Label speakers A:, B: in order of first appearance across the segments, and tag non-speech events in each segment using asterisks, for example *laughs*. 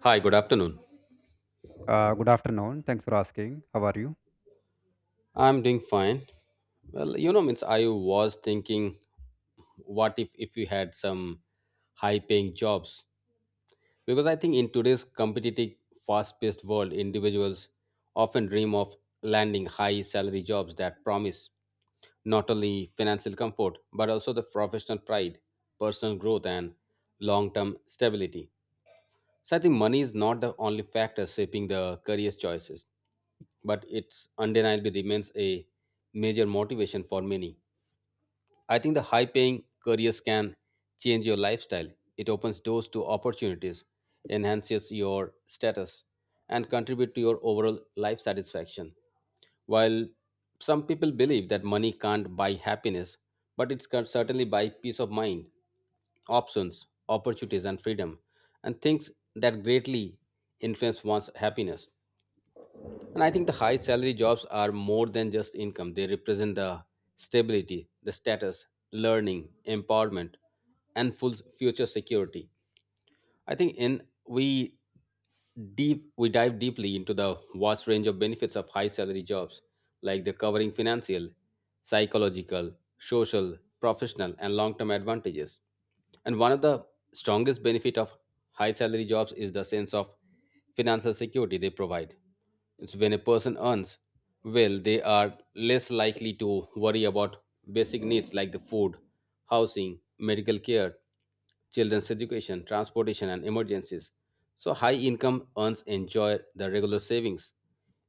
A: Hi, good afternoon.
B: Good afternoon. Thanks for asking. How are you?
A: I'm doing fine. Well, you know, means I was thinking, what if we had some high-paying jobs? Because I think in today's competitive, fast-paced world, individuals often dream of landing high-salary jobs that promise not only financial comfort but also the professional pride, personal growth, and long-term stability. So I think money is not the only factor shaping the career choices, but it's undeniably remains a major motivation for many. I think the high paying careers can change your lifestyle. It opens doors to opportunities, enhances your status, and contribute to your overall life satisfaction. While some people believe that money can't buy happiness, but it can certainly buy peace of mind, options, opportunities, and freedom, and things that greatly influence one's happiness. And I think the high salary jobs are more than just income, they represent the stability, the status, learning, empowerment, and full future security. I think in we deep we dive deeply into the vast range of benefits of high salary jobs like the covering financial, psychological, social, professional, and long-term advantages. And one of the strongest benefit of high salary jobs is the sense of financial security they provide. It's when a person earns well, they are less likely to worry about basic needs like the food, housing, medical care, children's education, transportation, and emergencies. So, high income earns enjoy the regular savings,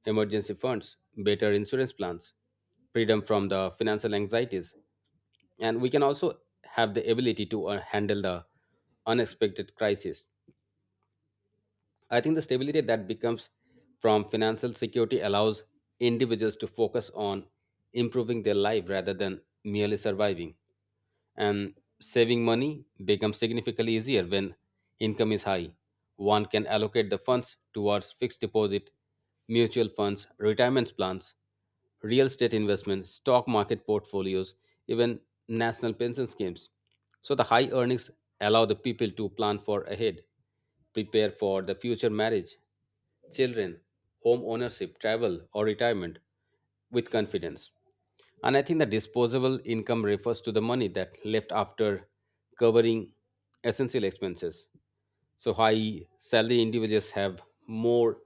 A: emergency funds, better insurance plans, freedom from the financial anxieties, and we can also have the ability to handle the unexpected crisis. I think the stability that becomes from financial security allows individuals to focus on improving their life rather than merely surviving. And saving money becomes significantly easier when income is high. One can allocate the funds towards fixed deposit, mutual funds, retirement plans, real estate investments, stock market portfolios, even national pension schemes. So the high earnings allow the people to plan for ahead, prepare for the future marriage, children, home ownership, travel, or retirement with confidence. And I think the disposable income refers to the money that left after covering essential expenses. So high salary individuals have more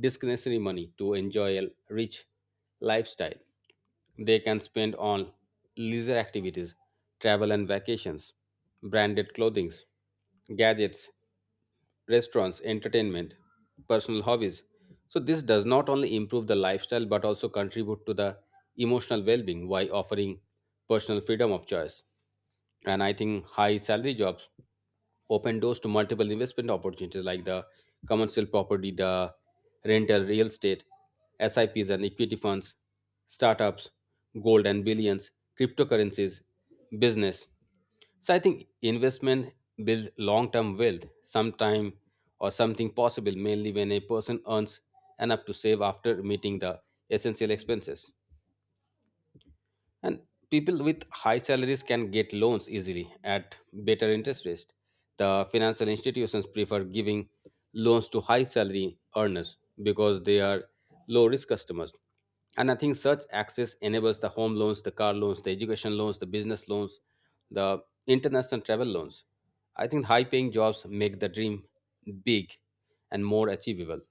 A: discretionary money to enjoy a rich lifestyle. They can spend on leisure activities, travel and vacations, branded clothing, gadgets, restaurants, entertainment, personal hobbies. So this does not only improve the lifestyle but also contribute to the emotional well-being by offering personal freedom of choice. And I think high salary jobs open doors to multiple investment opportunities like the commercial property, the rental real estate, SIPs and equity funds, startups, gold and billions, cryptocurrencies, business. So I think investment builds long-term wealth sometime or something possible mainly when a person earns enough to save after meeting the essential expenses. And people with high salaries can get loans easily at better interest rates. The financial institutions prefer giving loans to high salary earners because they are low risk customers. And I think such access enables the home loans, the car loans, the education loans, the business loans, the international travel loans. I think high paying jobs make the dream big and more achievable.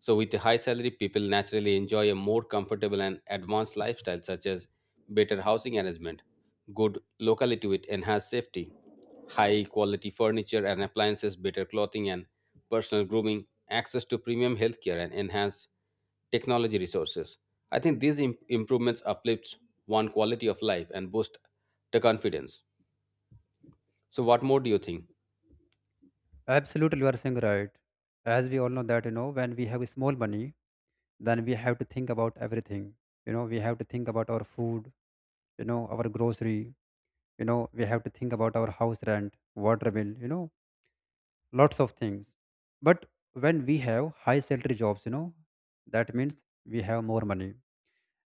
A: So, with a high salary, people naturally enjoy a more comfortable and advanced lifestyle, such as better housing arrangement, good locality with enhanced safety, high quality furniture and appliances, better clothing and personal grooming, access to premium healthcare, and enhanced technology resources. I think these improvements uplifts one quality of life and boost the confidence. So, what more do you think?
B: Absolutely, you are saying right. As we all know that, you know, when we have small money, then we have to think about everything. You know, we have to think about our food, you know, our grocery, you know, we have to think about our house rent, water bill, you know, lots of things. But when we have high salary jobs, you know, that means we have more money.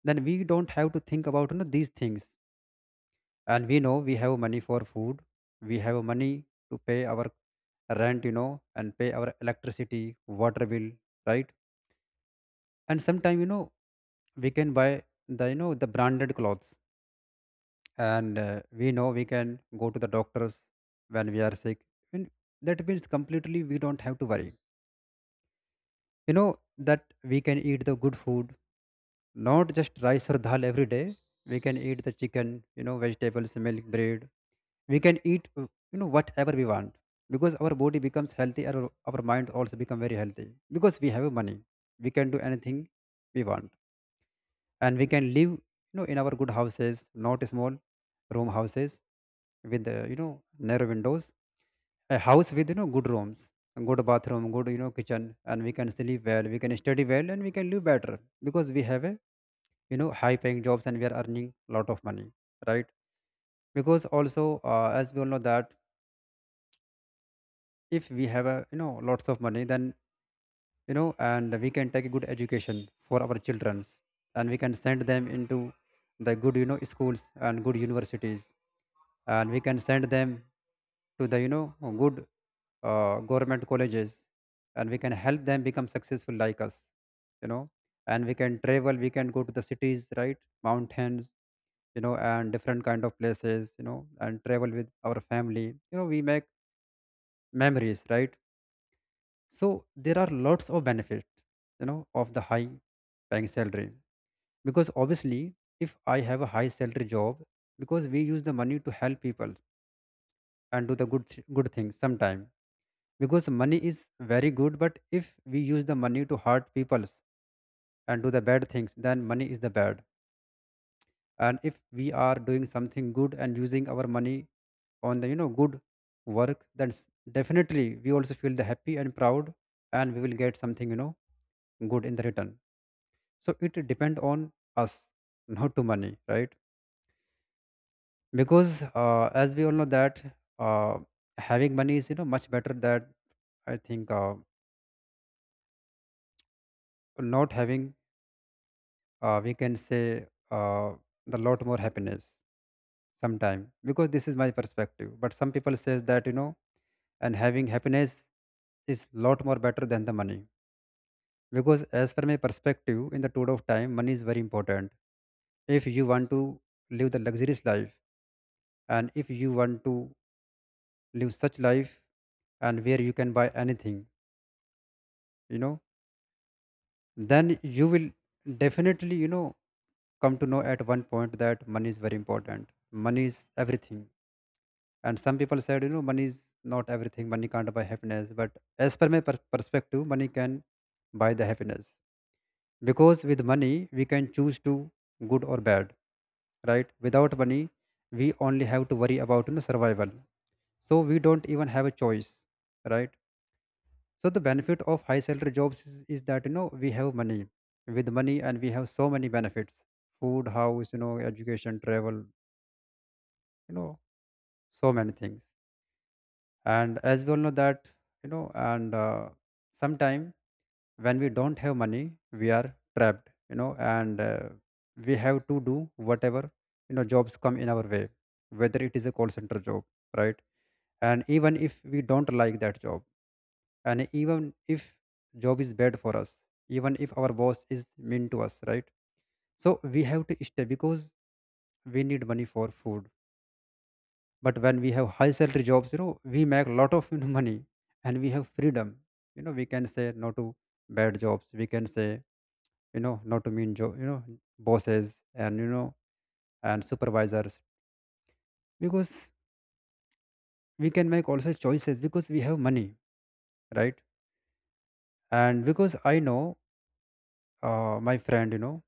B: Then we don't have to think about, you know, these things, and we know we have money for food, we have money to pay our rent, you know, and pay our electricity, water bill, right? And sometime, you know, we can buy the, you know, the branded clothes, and we know we can go to the doctors when we are sick. And that means completely we don't have to worry, you know, that we can eat the good food, not just rice or dal every day. We can eat the chicken, you know, vegetables, milk, bread. We can eat you know, whatever we want, because our body becomes healthy, and our mind also become very healthy, because we have money, we can do anything we want. And we can live, you know, in our good houses, not small room houses with the, you know, narrow windows, a house with, you know, good rooms and good bathroom, good, you know, kitchen. And we can sleep well, we can study well, and we can live better because we have a, you know, high paying jobs and we are earning a lot of money, right? Because also, as we all know that, if we have a, you know, lots of money, then, you know, and we can take a good education for our childrens. And we can send them into the good, you know, schools and good universities, and we can send them to the, you know, good, government colleges, and we can help them become successful like us, you know. And we can travel, we can go to the cities, right? Mountains, you know, and different kind of places, you know, and travel with our family, you know, we make memories, right? So there are lots of benefit, you know, of the high paying salary. Because obviously, if I have a high salary job, because we use the money to help people and do the good things sometime, because money is very good. But if we use the money to hurt people and do the bad things, then money is the bad. And if we are doing something good and using our money on the, you know, good work, then definitely we also feel the happy and proud, and we will get something, you know, good in the return. So it depend on us, not to money, right? Because as we all know that, uh, having money is, you know, much better than, I think, not having, we can say, uh, the lot more happiness sometime. Because this is my perspective, but some people says that, you know, and having happiness is lot more better than the money. Because as per my perspective, in the tour of time, money is very important. If you want to live the luxurious life, and if you want to live such life, and where you can buy anything, you know, then you will definitely, you know, come to know at one point that money is very important, money is everything. And some people said, you know, money is not everything, money can't buy happiness, but as per my perspective, money can buy the happiness. Because with money we can choose to good or bad, right? Without money, we only have to worry about, you know, survival, so we don't even have a choice, right? So the benefit of high salary jobs is that, you know, we have money. With money and we have so many benefits. Food, house, you know, education, travel, you know, so many things. And as we all know that, you know, and sometime when we don't have money, we are trapped, you know, and we have to do whatever, you know, jobs come in our way, whether it is a call center job, right? And even if we don't like that job, and even if job is bad for us, even if our boss is mean to us, right? So we have to stay because we need money for food. But when we have high salary jobs, you know, we make a lot of *laughs* you know, money, and we have freedom. You know, we can say no to bad jobs, we can say, you know, no to mean job, you know, bosses, and you know, and supervisors, because we can make also choices because we have money, right? And because I know, my friend, you know,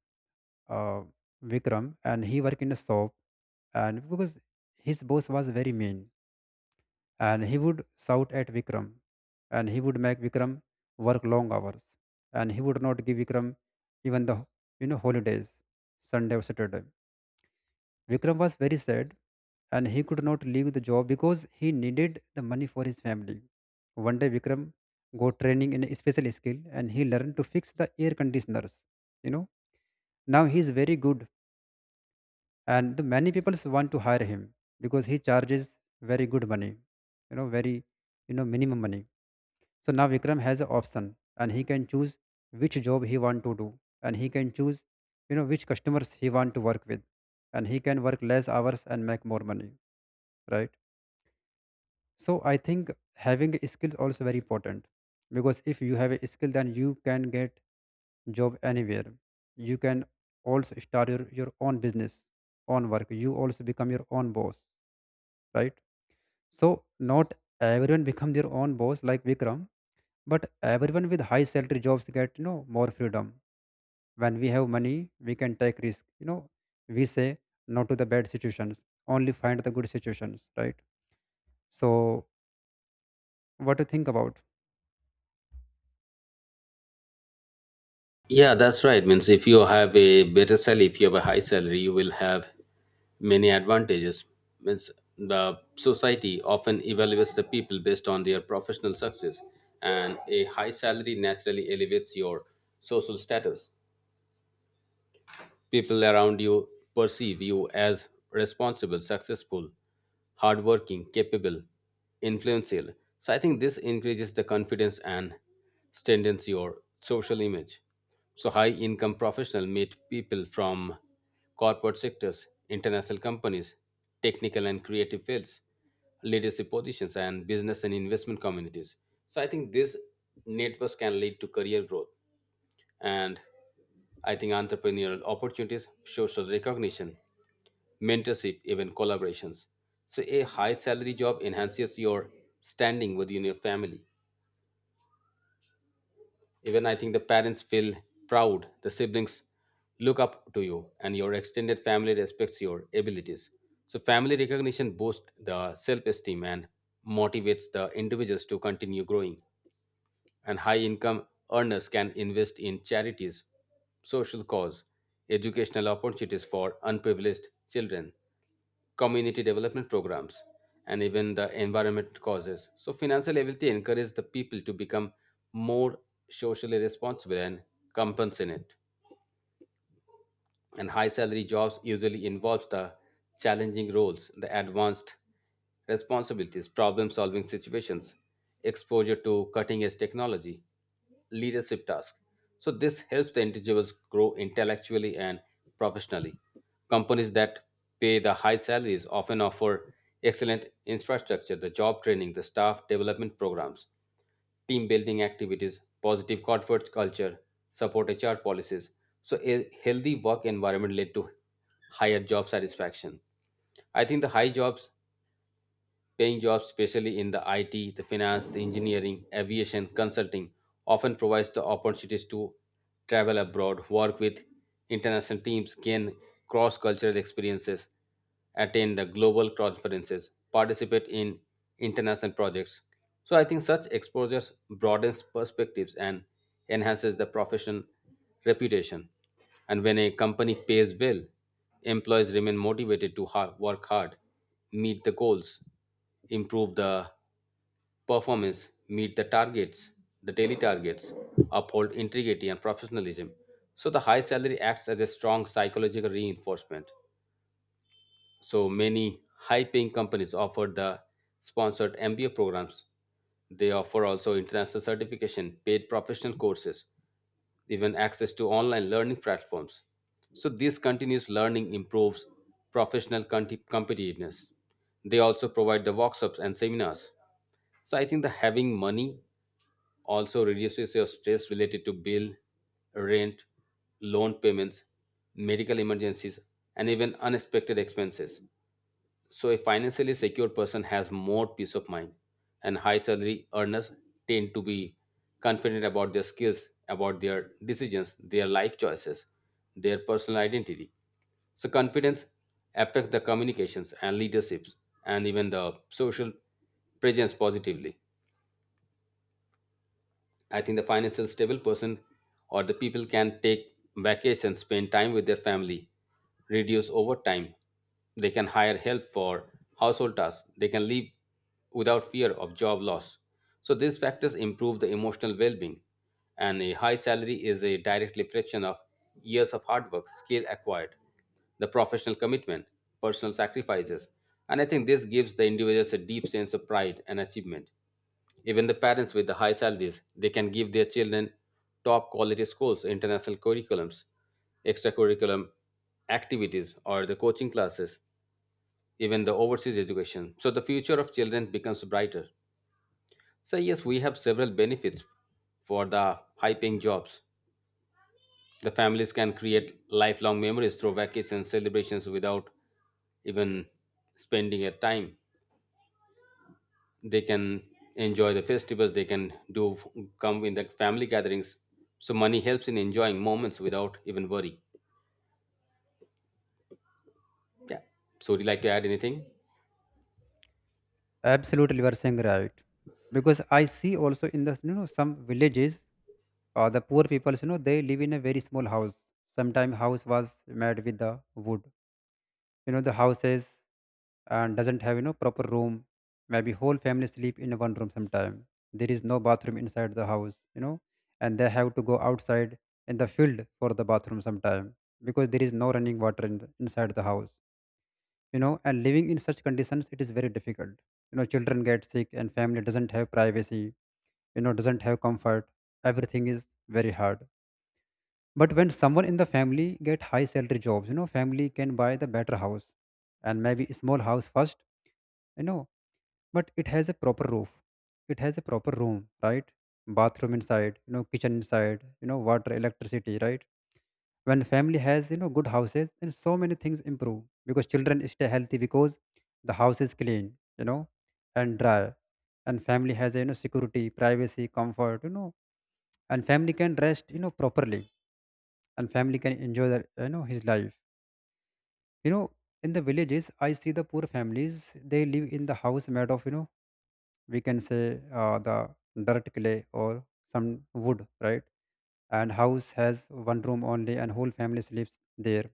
B: uh, Vikram, and he worked in a shop. And because his boss was very mean, and he would shout at Vikram, and he would make Vikram work long hours, and he would not give Vikram even the, you know, holidays, Sunday or Saturday. Vikram was very sad, and he could not leave the job because he needed the money for his family. One day, Vikram got training in a special skill, and he learned to fix the air conditioners. You know, now he is very good, and the many people want to hire him because he charges very good money, you know, very, you know, minimum money. So now Vikram has an option, and he can choose which job he want to do. And he can choose, you know, which customers he want to work with, and he can work less hours and make more money, right? So I think having a skill is also very important, because if you have a skill, then you can get job anywhere. You can also start your own business, own work, you also become your own boss, right? So not everyone become their own boss like Vikram, but everyone with high salary jobs get, you know, more freedom. When we have money, we can take risk, you know, we say no to the bad situations, only find the good situations, right? So what to think about?
A: Yeah, that's right. Means if you have a better salary, if you have a high salary, you will have many advantages. Means the society often evaluates the people based on their professional success, and a high salary naturally elevates your social status. People around you perceive you as responsible, successful, hardworking, capable, influential. So I think this increases the confidence and strengthens your social image. So high income professional meet people from corporate sectors, international companies, technical and creative fields, leadership positions and business and investment communities. So I think this networks can lead to career growth and I think entrepreneurial opportunities, social recognition, mentorship, even collaborations. So a high salary job enhances your standing within your family. Even I think the parents feel proud, the siblings look up to you, and your extended family respects your abilities. So family recognition boosts the self-esteem and motivates the individuals to continue growing. And high income earners can invest in charities, social cause, educational opportunities for unprivileged children, community development programs, and even the environment causes. So financial ability encourages the people to become more socially responsible and compassionate. And high salary jobs usually involves the challenging roles, the advanced responsibilities, problem solving situations, exposure to cutting edge technology, leadership tasks. So this helps the individuals grow intellectually and professionally. Companies that pay the high salaries often offer excellent infrastructure, the job training, the staff development programs, team building activities, positive corporate culture, support HR policies. So, a healthy work environment led to higher job satisfaction. I think the high jobs paying jobs, especially in the IT, the finance, the engineering, aviation, consulting, often provides the opportunities to travel abroad, work with international teams, gain cross-cultural experiences, attend the global conferences, participate in international projects. So I think such exposures broadens perspectives and enhances the profession reputation. And when a company pays well, employees remain motivated to work hard, meet the goals, improve the performance, meet the targets, the daily targets, uphold integrity and professionalism. So the high salary acts as a strong psychological reinforcement. So many high paying companies offer the sponsored MBA programs. They offer also international certification, paid professional courses, even access to online learning platforms. So this continuous learning improves professional competitiveness. They also provide the workshops and seminars. So I think the having money also reduces your stress related to bill, rent, loan payments, medical emergencies, and even unexpected expenses. So, a financially secure person has more peace of mind, and high salary earners tend to be confident about their skills, about their decisions, their life choices, their personal identity. So, confidence affects the communications and leaderships and even the social presence positively. I think the financial stable person or the people can take vacations, spend time with their family, reduce overtime. They can hire help for household tasks. They can live without fear of job loss. So these factors improve the emotional well-being. And a high salary is a direct reflection of years of hard work, skill acquired, the professional commitment, personal sacrifices. And I think this gives the individuals a deep sense of pride and achievement. Even the parents with the high salaries, they can give their children top quality schools, international curriculums, extracurriculum activities, or the coaching classes, even the overseas education. So the future of children becomes brighter. So yes, we have several benefits for the high-paying jobs. The families can create lifelong memories through vacations and celebrations without even spending a time. They can enjoy the festivals, they can do come in the family gatherings. So money helps in enjoying moments without even worry. Yeah, so would you like to add anything?
B: Absolutely, you are saying right. Because I see also in the, you know, some villages, the poor people, you know, they live in a very small house. Sometime house was made with the wood, you know, the houses, and doesn't have, you know, proper room. Maybe whole family sleep in one room sometime. There is no bathroom inside the house, you know, and they have to go outside in the field for the bathroom sometime, because there is no running water in inside the house, you know. And living in such conditions it is very difficult, you know, children get sick, and family doesn't have privacy, you know, doesn't have comfort, everything is very hard. But when someone in the family get high salary jobs, you know, family can buy the better house. And maybe small house first, you know, but it has a proper roof, it has a proper room, right? Bathroom inside, you know, kitchen inside, you know, water, electricity, right? When family has, you know, good houses, then so many things improve, because children stay healthy, because the house is clean, you know, and dry, and family has, you know, security, privacy, comfort, you know. And family can rest, you know, properly, and family can enjoy their, you know, his life, you know. In the villages I see the poor families, they live in the house made of, you know, we can say, the dirt, clay, or some wood, right? And house has one room only, and whole family sleeps there.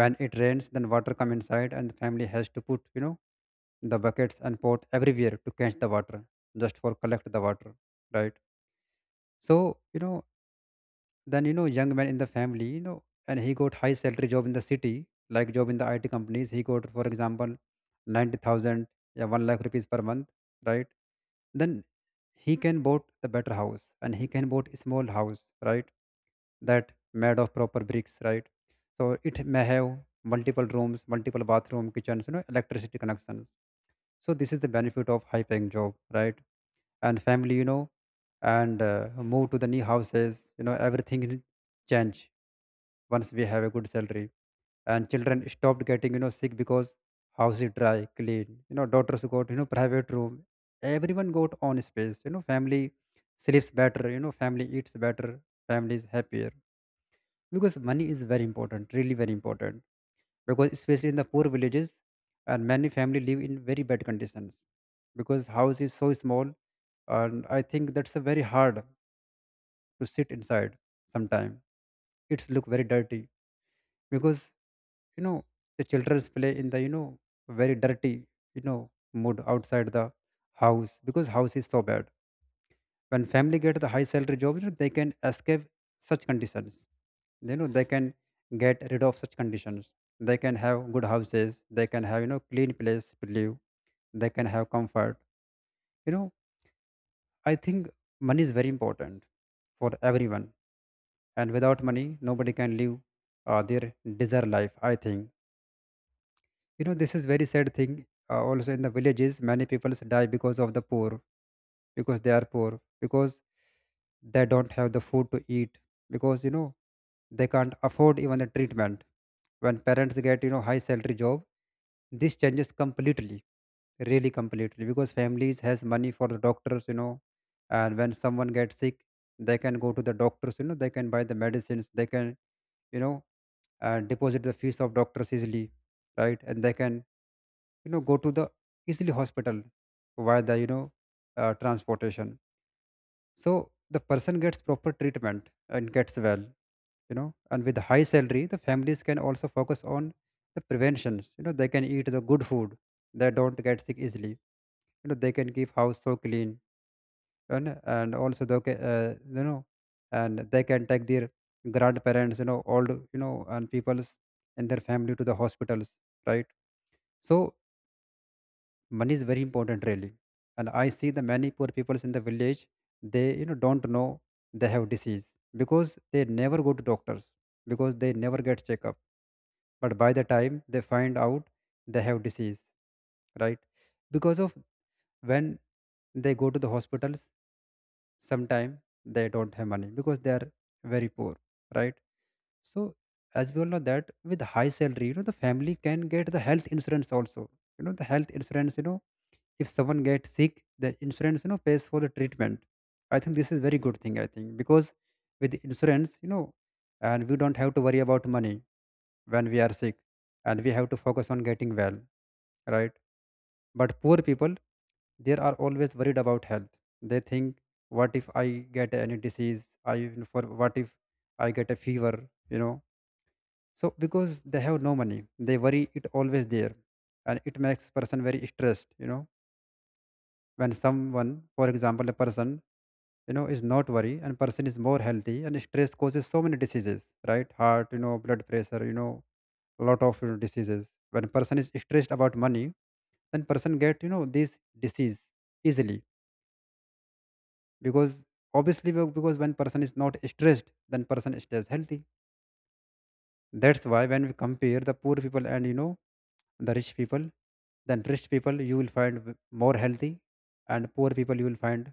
B: When it rains, then water come inside, and the family has to put, you know, the buckets and pot everywhere to catch the water, just for collect the water, right? So, you know, then, you know, young man in the family, you know, and he got high salary job in the city, like job in the IT companies. He got, for example, 90,000, yeah, one lakh rupees per month, right? Then he can bought the better house, and he can bought a small house, right? That made of proper bricks, right? So it may have multiple rooms, multiple bathroom, kitchens, you know, electricity connections. So this is the benefit of high paying job, right? And family, you know and move to the new houses. You know, everything will change once we have a good salary. And children stopped getting sick because house is dry clean. You know, daughters got private room, everyone got own space. You know, family sleeps better, family eats better, family is happier, because money is very important, really very important. Because especially in the poor villages, and many family live in very bad conditions because house is so small. And I think that's a very hard to sit inside. Sometime it's look very dirty because, you know the children play in the, very dirty, mood outside the house, because house is so bad. When family get the high salary job, they can escape such conditions. You know, they can get rid of such conditions. They can have good houses, they can have, clean place to live, they can have comfort. you know I think money is very important for everyone. And without money nobody can live their desired life, I think. You know, this is very sad thing. Also in the villages, many people die because of the poor, because they are poor, because they don't have the food to eat, because, they can't afford even the treatment. When parents get, high salary job, this changes completely, really completely, because families has money for the doctors. And when someone gets sick, they can go to the doctors. You know, they can buy the medicines, they can, you know deposit the fees of doctors easily, right? And they can, go to the easily hospital via the, transportation. So the person gets proper treatment and gets well. You know, and with high salary, the families can also focus on the preventions. You know, they can eat the good food. They don't get sick easily. You know, they can keep house so clean. And also they can, and they can take their grandparents, you know, old, and peoples and their family to the hospitals, right? So money is very important, really. And I see the many poor people in the village, they, don't know they have disease because they never go to doctors, because they never get checkup. But by the time they find out, they have disease, right? Because of, when they go to the hospitals, sometime they don't have money because they are very poor, right? So as we all know that with high salary, the family can get the health insurance also. You know, the health insurance. If someone gets sick, the insurance, pays for the treatment. I think this is very good thing, I think, because with the insurance, and we don't have to worry about money when we are sick, and we have to focus on getting well, right? But poor people, they are always worried about health. They think, what if I get any disease? I, even for what if I get a fever, you know? So because they have no money, they worry it always there, and it makes person very stressed. You know, when someone, for example, a person, you know, is not worry, and person is more healthy, and stress causes so many diseases, right? Heart, you know, blood pressure, you know, a lot of, diseases. When person is stressed about money, then person get, you know, these disease easily, because, obviously, because when person is not stressed, then person stays healthy. That's why when we compare the poor people and, you know, the rich people, then rich people you will find more healthy, and poor people you will find,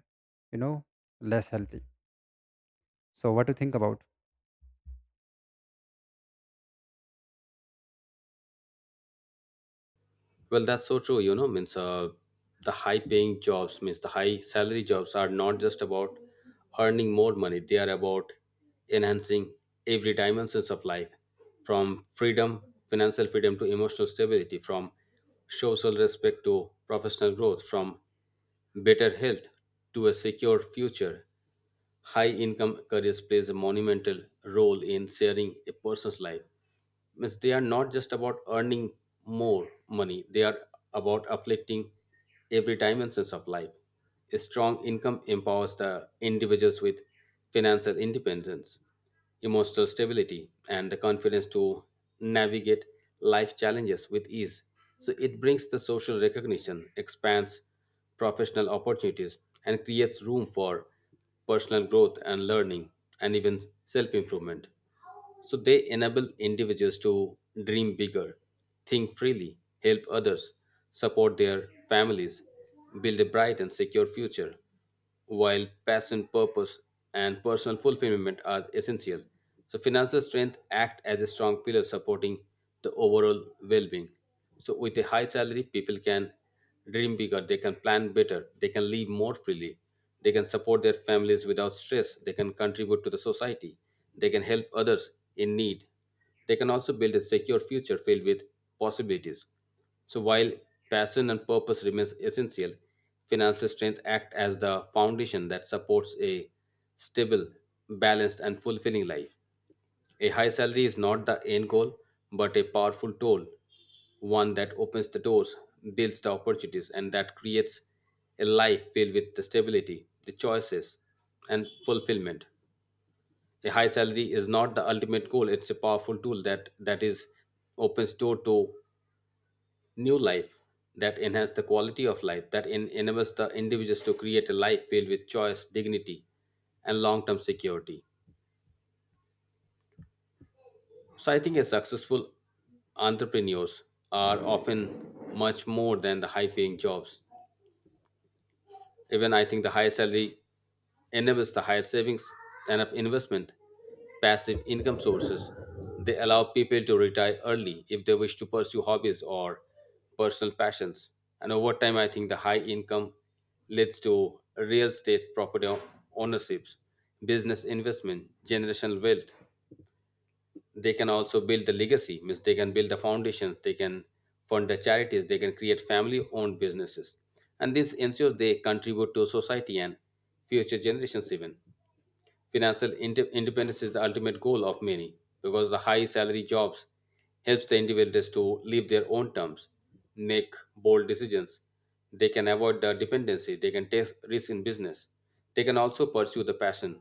B: you know, less healthy. So what do you think about?
A: Well, that's so true, you know, means the high paying jobs means the high salary jobs are not just about earning more money, they are about enhancing every dimensions of life, from freedom, financial freedom to emotional stability, from social respect to professional growth, from better health to a secure future. High income careers plays a monumental role in sharing a person's life. Means they are not just about earning more money, they are about afflicting every dimensions of life. A strong income empowers the individuals with financial independence, emotional stability, and the confidence to navigate life challenges with ease. So it brings the social recognition, expands professional opportunities, and creates room for personal growth and learning, and even self improvement. So they enable individuals to dream bigger, think freely, help others, support their families, build a bright and secure future. While passion, purpose, and personal fulfillment are essential, so financial strength act as a strong pillar supporting the overall well-being. So with a high salary, people can dream bigger, they can plan better, they can live more freely, they can support their families without stress. They can contribute to the society. They can help others in need. They can also build a secure future filled with possibilities. So while passion and purpose remains essential, financial strength act as the foundation that supports a stable, balanced and fulfilling life. A high salary is not the end goal, but a powerful tool, one that opens the doors, builds the opportunities, and that creates a life filled with the stability, the choices, and fulfillment. A high salary is not the ultimate goal, it's a powerful tool that is opens door to new life, that enhance the quality of life, that enables the individuals to create a life filled with choice, dignity, and long-term security. So I think a successful entrepreneurs are often much more than the high paying jobs. Even I think the higher salary enables the higher savings and of investment, passive income sources. They allow people to retire early if they wish to pursue hobbies or personal passions. And over time, I think the high income leads to real estate property ownerships, business investment, generational wealth. They can also build the legacy, means they can build the foundations, they can fund the charities, they can create family owned businesses, and this ensures they contribute to society and future generations. Even financial independence is the ultimate goal of many because the high salary jobs helps the individuals to live their own terms, make bold decisions. They can avoid the dependency, they can take risks in business, they can also pursue the passion,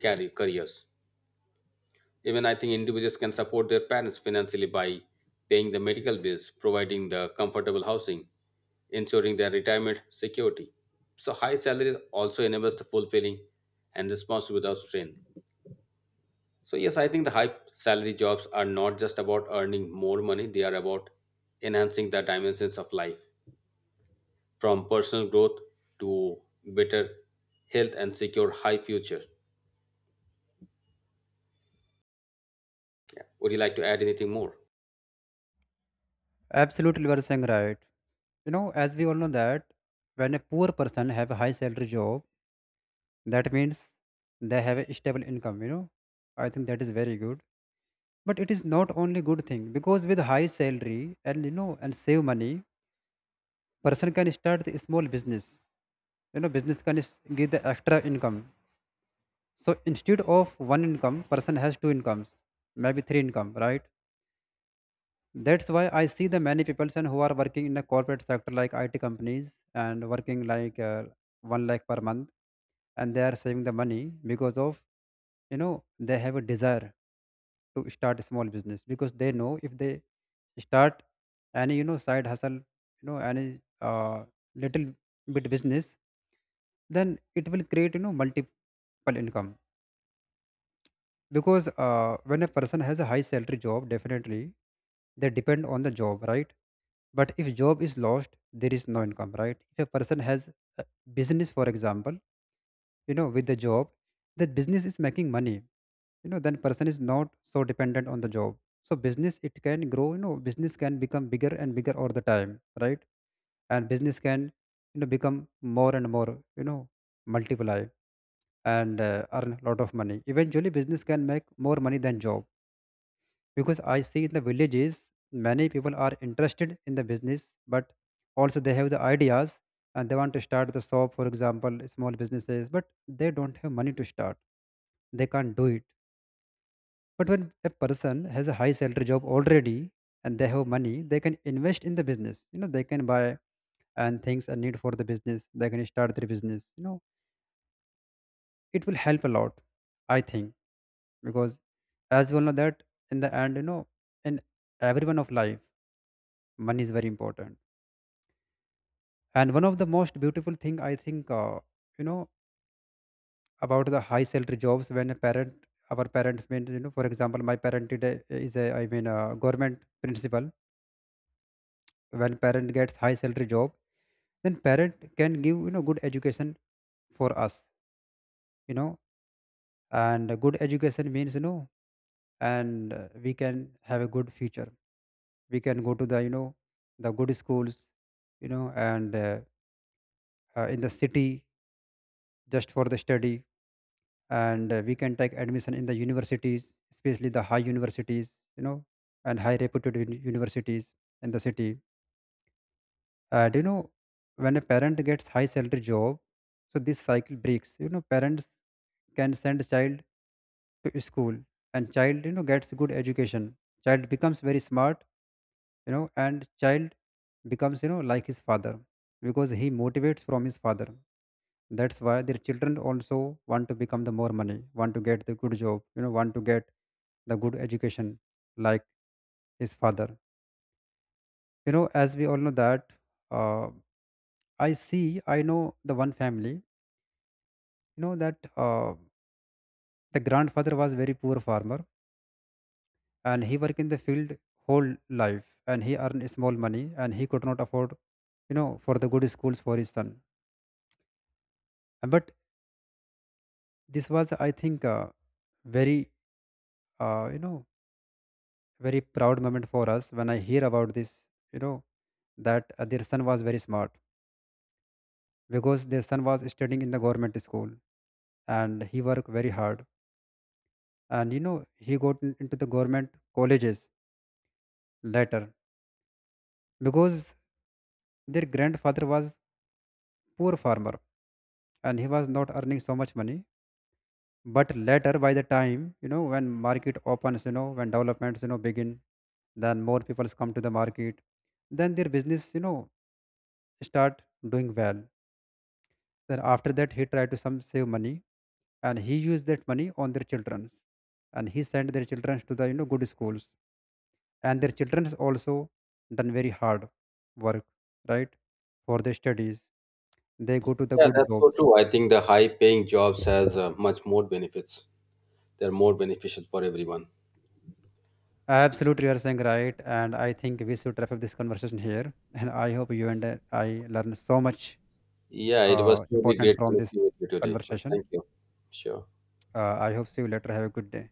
A: carry careers. Even I think individuals can support their parents financially by paying the medical bills, providing the comfortable housing, ensuring their retirement security. So high salaries also enables the fulfilling and response without strain. So yes, I think the high salary jobs are not just about earning more money, they are about enhancing the dimensions of life from personal growth to better health and secure high future. Would you like to add anything more?
B: Absolutely, you are saying right. You know, as we all know that when a poor person have a high salary job, that means they have a stable income. You know, I think that is very good. But it is not only good thing because with high salary and, save money, person can start the small business. You know, business can give the extra income. So instead of one income, person has two incomes, maybe three income, right? That's why I see the many people and who are working in the corporate sector like IT companies and working like, one lakh per month, and they are saving the money because of, they have a desire to start a small business. Because they know, if they start any, side hustle, any little bit business, then it will create, multiple income. Because when a person has a high salary job, definitely they depend on the job, right? But if job is lost, there is no income, right? If a person has business, for example, you know, with the job, that business is making money, you know, then person is not so dependent on the job. So business, it can grow. You know, business can become bigger and bigger all the time, right? And business can, become more and more, you know multiply, and earn a lot of money. Eventually business can make more money than job. Because I see in the villages many people are interested in the business, but also they have the ideas, and they want to start the shop, for example, small businesses, but they don't have money to start. They can't do it. But when a person has a high salary job already and they have money, they can invest in the business. You know, they can buy and things are need for the business. They can start their business. You know, it will help a lot, I think, because as we all know that in the end, you know, in every one of life, money is very important. And one of the most beautiful thing I think, you know about the high salary jobs, when a parent, our parents mean, you know, for example, my parent did a- is a I mean a government principal. When parent gets high salary job, then parent can give, good education for us, you know. And a good education means, you know, and we can have a good future. We can go to the, the good schools, you know, and in the city, just for the study. And we can take admission in the universities, especially the high universities, you know, and high reputed universities in the city. And you know, when a parent gets high salary job, so this cycle breaks. You know, parents can send child to school, and child, you know, gets good education. Child becomes very smart, you know, and child becomes, you know, like his father, because he motivates from his father. That's why their children also want to become the more money, want to get the good job, you know, want to get the good education like his father. You know, as we all know that, uh, I see, I know the one family, you know that the grandfather was very poor farmer, and he worked in the field whole life, and he earned small money, and he could not afford, for the good schools for his son. And but this was, I think very you know very proud moment for us when I hear about this, you know, that their son was very smart, because their son was studying in the government school, and he worked very hard. And, you know, he got into the government colleges later, because their grandfather was poor farmer and he was not earning so much money. But later, by the time, you know, when market opens, you know, when developments, you know, begin, then more people come to the market, then their business, you know, start doing well. Then after that, he tried to some save money, and he used that money on their childrens, and he sent their childrens to the, good schools, and their childrens also done very hard work, right, for their studies. They go to the
A: Yeah,
B: good
A: that's
B: jobs.
A: so true. I think the high paying jobs has much more benefits. They're more beneficial for everyone.
B: Absolutely, you are saying right, and I think we should wrap up this conversation here. And I hope you and I learned so much
A: Yeah, it was truly
B: important
A: great
B: from this
A: connecting with you today.
B: conversation.
A: Thank you. Sure.
B: I hope see you later. Have a good day.